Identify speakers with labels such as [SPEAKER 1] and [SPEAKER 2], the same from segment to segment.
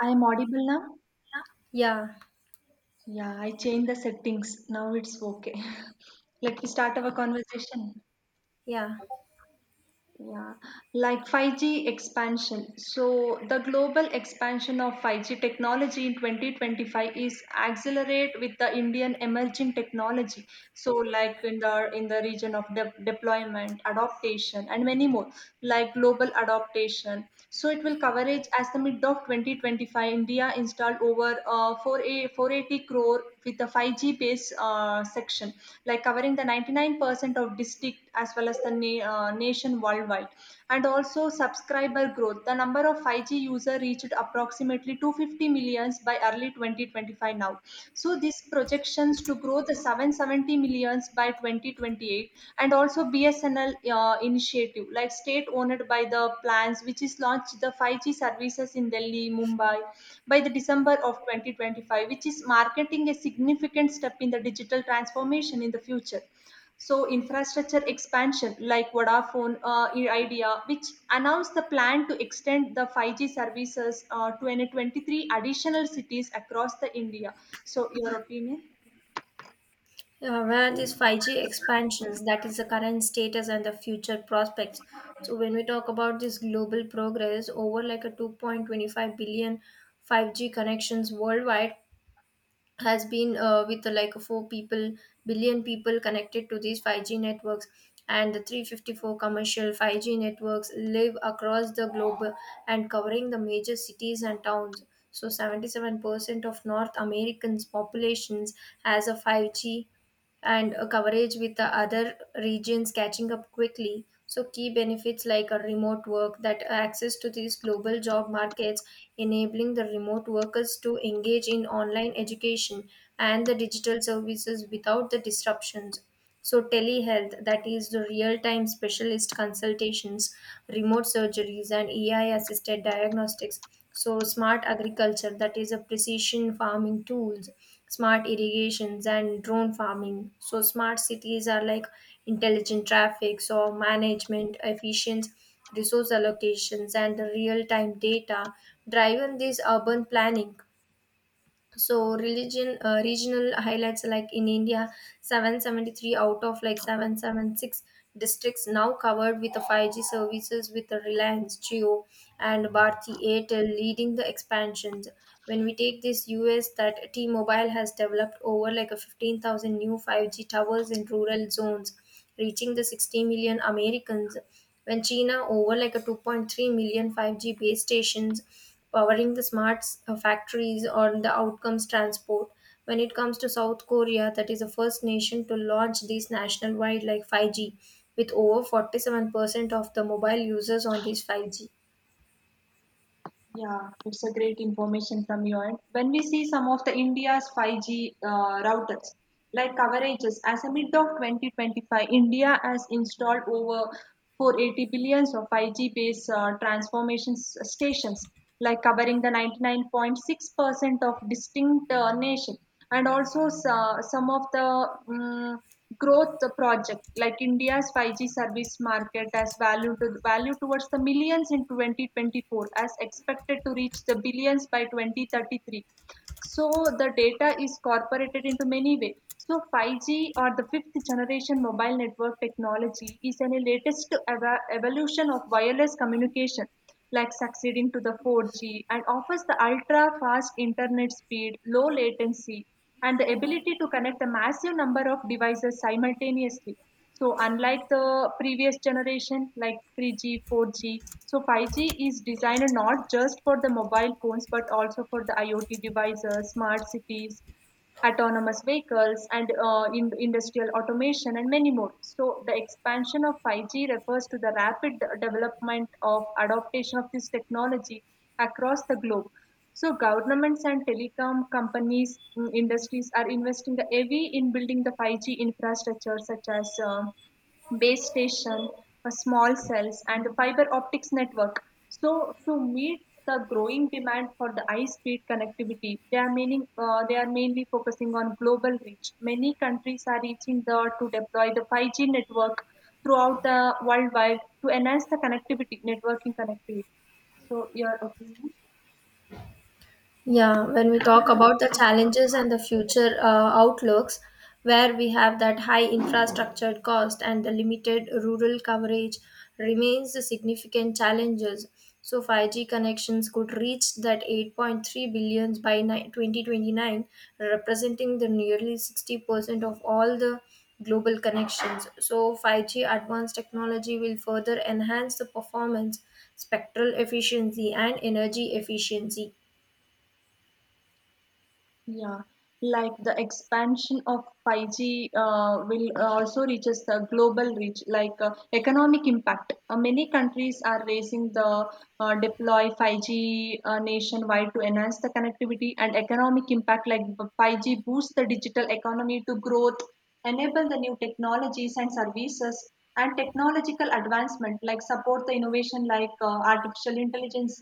[SPEAKER 1] I'm audible now?
[SPEAKER 2] Yeah,
[SPEAKER 1] Yeah, I changed the settings. Now it's okay. Let me start our
[SPEAKER 2] okay,
[SPEAKER 1] conversation.
[SPEAKER 2] yeah.
[SPEAKER 1] Yeah, like 5G expansion. So, the global expansion of 5G technology in 2025 is accelerate with the Indian emerging technology. So, like in the region of deployment, adaptation, and many more, like global adaptation. So, it will coverage as the mid of 2025. India installed over 4 a 480 crore with the 5G based section, like covering the 99% of district as well as the nation worldwide. And also subscriber growth. The number of 5G user reached approximately 250 millions by early 2025 now. So these projections to grow the 770 millions by 2028. And also BSNL initiative like state owned by the plans, which is launched the 5g services in Delhi Mumbai by the December of 2025, which is marketing a significant step in the digital transformation in the future. So infrastructure expansion like Vodafone Idea, which announced the plan to extend the 5G services to 23 additional cities across the India. So your opinion?
[SPEAKER 2] Where these 5G expansions, that is the current status and the future prospects. So when we talk about this global progress over like a 2.25 billion five 5G connections worldwide, has been with like four people billion people connected to these 5G networks and the 354 commercial 5G networks live across the globe and covering the major cities and towns. So 77% of North Americans populations has a 5G and a coverage with the other regions catching up quickly. So, key benefits like a remote work that access to these global job markets, enabling the remote workers to engage in online education and the digital services without the disruptions. So, telehealth, that is the real time specialist consultations, remote surgeries, and AI assisted diagnostics. So, smart agriculture, that is a precision farming tools smart irrigations and drone farming. So smart cities are like intelligent traffic, so management, efficient resource allocations and real-time data driven this urban planning. So religion regional highlights like in India, 773 out of like 776 districts now covered with the 5G services with the Reliance Jio and Bharti Airtel leading the expansions. When we take this US that T-Mobile has developed over like a 15,000 new 5G towers in rural zones reaching the 60 million Americans when China over like a 2.3 million 5G base stations powering the smart factories or the outcomes transport. When it comes to South Korea, that is the first nation to launch these national wide like 5G with over 47% of the mobile users on these 5G.
[SPEAKER 1] Yeah, it's a great information from you. And when we see some of the India's 5G routers, like coverages, as a mid of 2025, India has installed over 480 billions of 5G based transformation stations, like covering the 99.6% of distinct nation. And also some of the mm, growth project like India's 5G service market as value to value towards the millions in 2024, as expected to reach the billions by 2033. So the data is corporated into many ways. So 5G or the fifth generation mobile network technology is an latest evolution of wireless communication, like succeeding to the 4G, and offers the ultra fast internet speed, low latency, and the ability to connect a massive number of devices simultaneously. So unlike the previous generation like 3G, 4G, so 5G is designed not just for the mobile phones but also for the IoT devices, smart cities, autonomous vehicles, and industrial automation and many more. So the expansion of 5G refers to the rapid development of adaptation of this technology across the globe. So governments and telecom companies, industries are investing the heavy in building the 5G infrastructure such as base station, small cells, and the fiber optics network. So to meet the growing demand for the high-speed connectivity, they are mainly focusing on global reach. Many countries are reaching the to deploy the 5G network throughout the worldwide to enhance the connectivity, networking connectivity. So your opinion?
[SPEAKER 2] Yeah, when we talk about the challenges and the future outlooks, where we have that high infrastructure cost and the limited rural coverage remains the significant challenges. So 5G connections could reach that 8.3 billions by 2029, representing the nearly 60% of all the global connections. So 5G advanced technology will further enhance the performance, spectral efficiency, and energy efficiency.
[SPEAKER 1] Yeah, like the expansion of 5G will also reaches the global reach, like economic impact. Many countries are raising the deploy 5G nationwide to enhance the connectivity and economic impact. Like 5G boosts the digital economy to growth, enable the new technologies and services, and technological advancement. Like support the innovation, like artificial intelligence,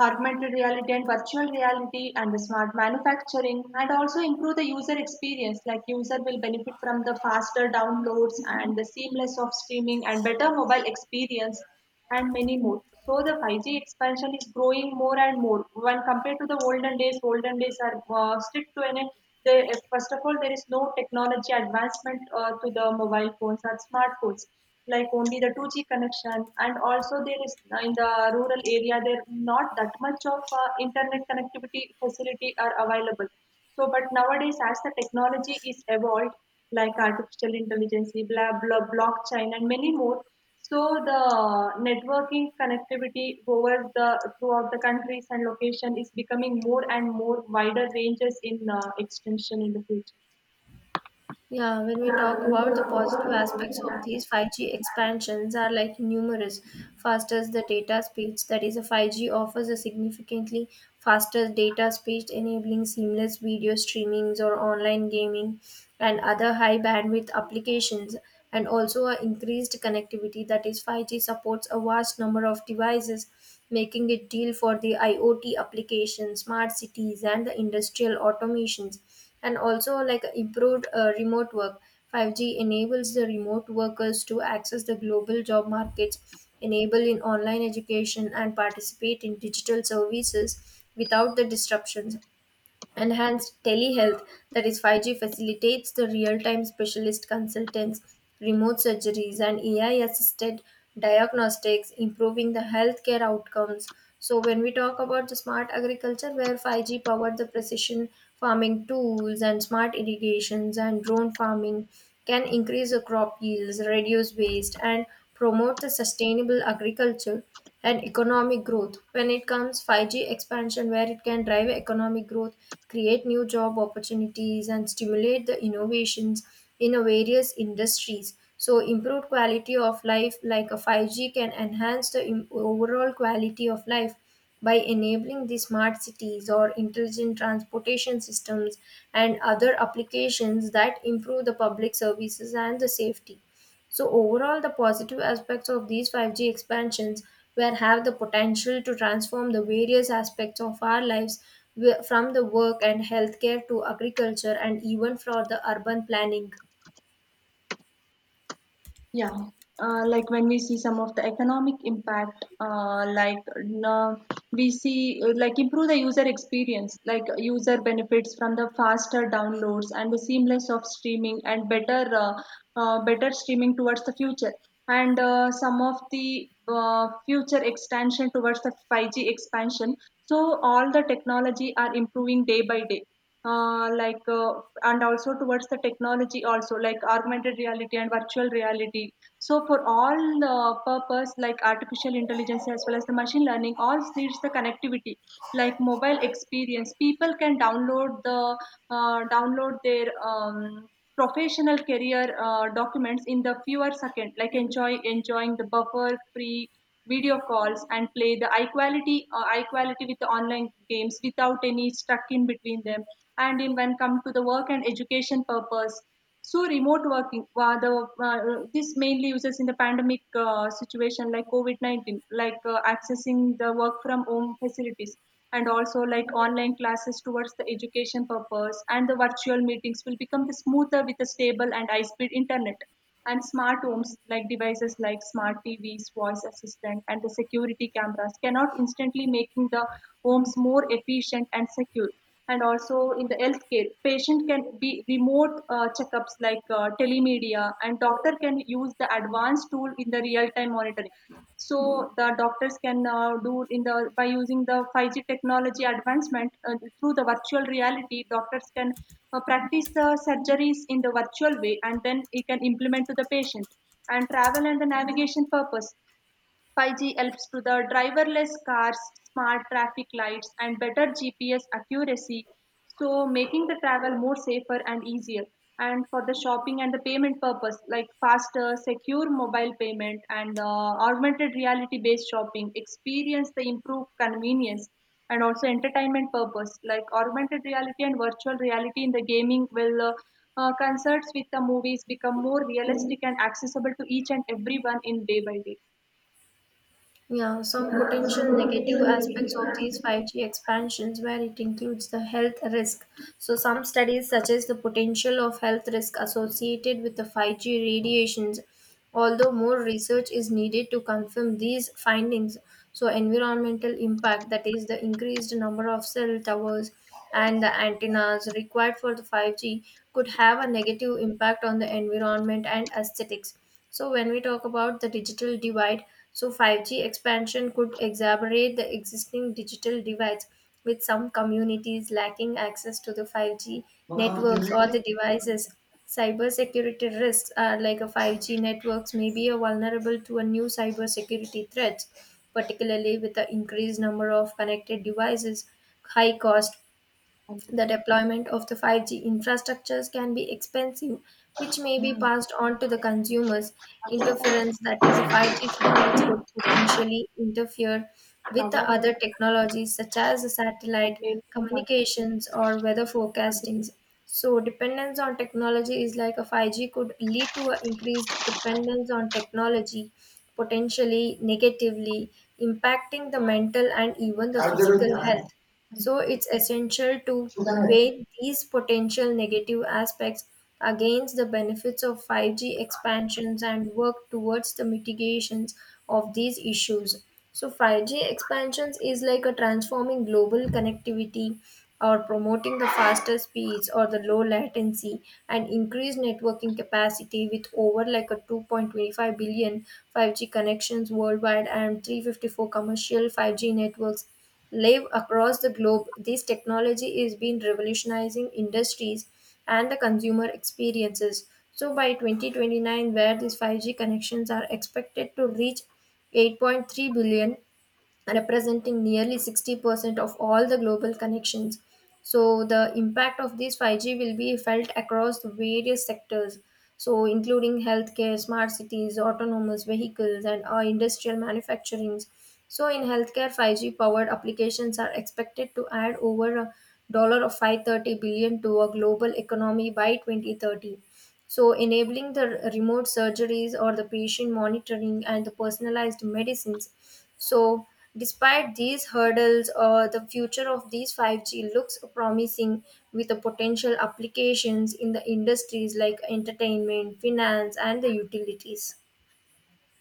[SPEAKER 1] augmented reality and virtual reality, and the smart manufacturing. And also improve the user experience, like user will benefit from the faster downloads and the seamless of streaming and better mobile experience and many more. So the 5G expansion is growing more and more when compared to the olden days. Olden days are strict to an they, first of all there is no technology advancement to the mobile phones or smartphones, like only the 2G connection. And also there is in the rural area there not that much of internet connectivity facility are available. So, but nowadays as the technology is evolved, like artificial intelligence, blah blah, blockchain, and many more. So the networking connectivity over the throughout the countries and location is becoming more and more wider ranges in extension in the future.
[SPEAKER 2] Yeah, when we talk about the positive aspects of these 5G expansions are like numerous. First is the data speeds, that is, a 5G offers a significantly faster data speed, enabling seamless video streamings or online gaming and other high bandwidth applications, and also a increased connectivity. That is, 5G supports a vast number of devices, making it deal for the IoT applications, smart cities, and the industrial automations and also like improved remote work. 5G enables the remote workers to access the global job markets enable in online education and participate in digital services without the disruptions. Enhanced telehealth, that is 5G, facilitates the real time specialist consultants, remote surgeries, and AI assisted diagnostics, improving the healthcare outcomes. So, when we talk about the smart agriculture, where 5G powered the precision farming tools and smart irrigations and drone farming can increase the crop yields, reduce waste, and promote the sustainable agriculture and economic growth. When it comes 5G expansion, where it can drive economic growth, create new job opportunities, and stimulate the innovations in a various industries. So, improved quality of life like a 5G can enhance the overall quality of life by enabling the smart cities or intelligent transportation systems and other applications that improve the public services and the safety. So overall, the positive aspects of these 5G expansions where have the potential to transform the various aspects of our lives from the work and healthcare to agriculture and even for the urban planning.
[SPEAKER 1] Yeah, like when we see some of the economic impact, like uh, we see like improve the user experience, like user benefits from the faster downloads and the seamless of streaming and better streaming towards the future. And some of the future extension towards the 5G expansion. So all the technology are improving day by day, like, and also towards the technology, also like augmented reality and virtual reality. So for all purpose like artificial intelligence as well as the machine learning all needs the connectivity. Like mobile experience, people can download their professional career documents in the fewer second, like enjoying the buffer free video calls and play the equality with the online games without any stuck in between them. And in when come to the work and education purpose. So remote working, this mainly uses in the pandemic situation like COVID-19, like accessing the work from home facilities. And also like online classes towards the education purpose, and the virtual meetings will become the smoother with a stable and high speed internet. And smart homes, like devices like smart TVs, voice assistant, and the security cameras, cannot instantly making the homes more efficient and secure. And also in the healthcare, patient can be remote checkups like telemedia, and doctor can use the advanced tool in the real time monitoring. So the doctors can do in the by using the 5G technology advancement, through the virtual reality, doctors can practice the surgeries in the virtual way, and then it can implement to the patient. And travel and the navigation purpose, 5G helps to the driverless cars, smart traffic lights, and better GPS accuracy, so making the travel more safer and easier. And for the shopping and the payment purpose, like faster, secure mobile payment and the augmented reality based shopping, experience the improved convenience. And also entertainment purpose, like augmented reality and virtual reality in the gaming will concerts with the movies become more realistic and accessible to each and everyone in day by day.
[SPEAKER 2] Yeah, some potential negative aspects of these 5G expansions where it includes the health risk. So some studies suggest the potential of health risk associated with the 5G radiations, although more research is needed to confirm these findings. So environmental impact, that is the increased number of cell towers and the antennas required for the 5G could have a negative impact on the environment and aesthetics. So, when we talk about the digital divide, so 5G expansion could exacerbate the existing digital divides, with some communities lacking access to the 5G networks or the devices. Cybersecurity risks are like a 5G networks may be a vulnerable to a new cybersecurity threats, particularly with the increased number of connected devices, high cost. The deployment of the 5G infrastructures can be expensive, which may be passed on to the consumers. Interference, that is, the 5G signals could potentially interfere with the
[SPEAKER 1] cover
[SPEAKER 2] other technologies such as the satellite
[SPEAKER 1] అదేంటి మజా?
[SPEAKER 2] communications or weather
[SPEAKER 1] అది
[SPEAKER 2] forecastings. So, dependence on technology is like a 5G could lead to an increased dependence on technology, potentially negatively impacting the mental and even the
[SPEAKER 1] కాదు
[SPEAKER 2] physical
[SPEAKER 1] జరుగుతుందా?
[SPEAKER 2] health. So it's essential to
[SPEAKER 1] చూడమే.
[SPEAKER 2] weigh these potential negative aspects against the benefits of 5G expansions and work towards the mitigations of these issues. So 5G expansions is like a transforming global connectivity or promoting the faster speeds or the low latency and increased networking capacity with over like a 2.25 billion 5G connections worldwide and 354 commercial 5G networks live across the globe, this technology is been revolutionizing industries and the consumer experiences. So by 2029, where these 5G connections are expected to reach 8.3 billion representing nearly 60% of all the global connections. So, the impact of this 5G will be felt across the various sectors, so including healthcare, smart cities, autonomous vehicles, and industrial manufacturings. So, in healthcare, 5G powered applications are expected to add over a dollar of 530 billion to a global economy by 2030. So, enabling the remote surgeries or the patient monitoring and the personalized medicines. So, despite these hurdles, the future of these 5G looks promising with the potential applications in the industries like entertainment, finance, and the utilities.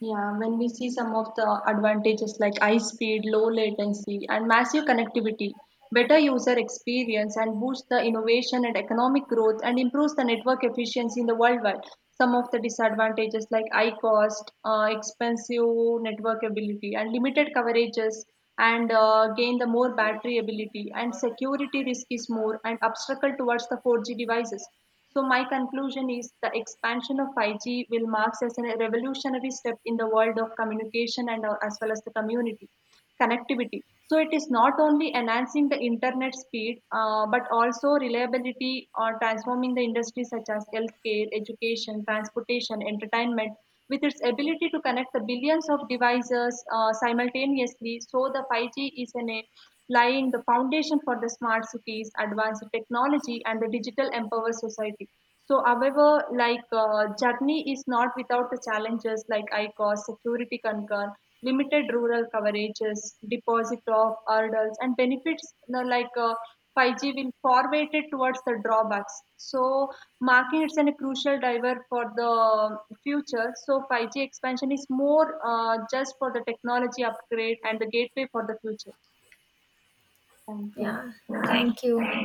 [SPEAKER 1] Yeah, when we see some of the advantages like high speed, low latency, and massive connectivity, better user experience and boosts the innovation and economic growth and improves the network efficiency in the worldwide. Some of the disadvantages like high cost, expensive network ability, and limited coverages, and gain the more battery ability and security risk is more and obstacle towards the 4G devices. So, my conclusion is the expansion of 5G will mark as a revolutionary step in the world of communication and as well as the community connectivity. So, it is not only enhancing the internet speed but also reliability or transforming the industries such as healthcare, education, transportation, entertainment, with its ability to connect the billions of devices simultaneously. So, the 5G is in a laying the foundation for the smart cities, advanced technology, and the digital empowered society. So, however, like journey is not without the challenges like I cost, security concern, limited rural coverages, deposit of hurdles, and benefits, like 5G will far weighted towards the drawbacks. So, marking it's a crucial driver for the future. So 5G expansion is more just for the technology upgrade and the gateway for the future. Thank you.
[SPEAKER 2] Yeah, thank you.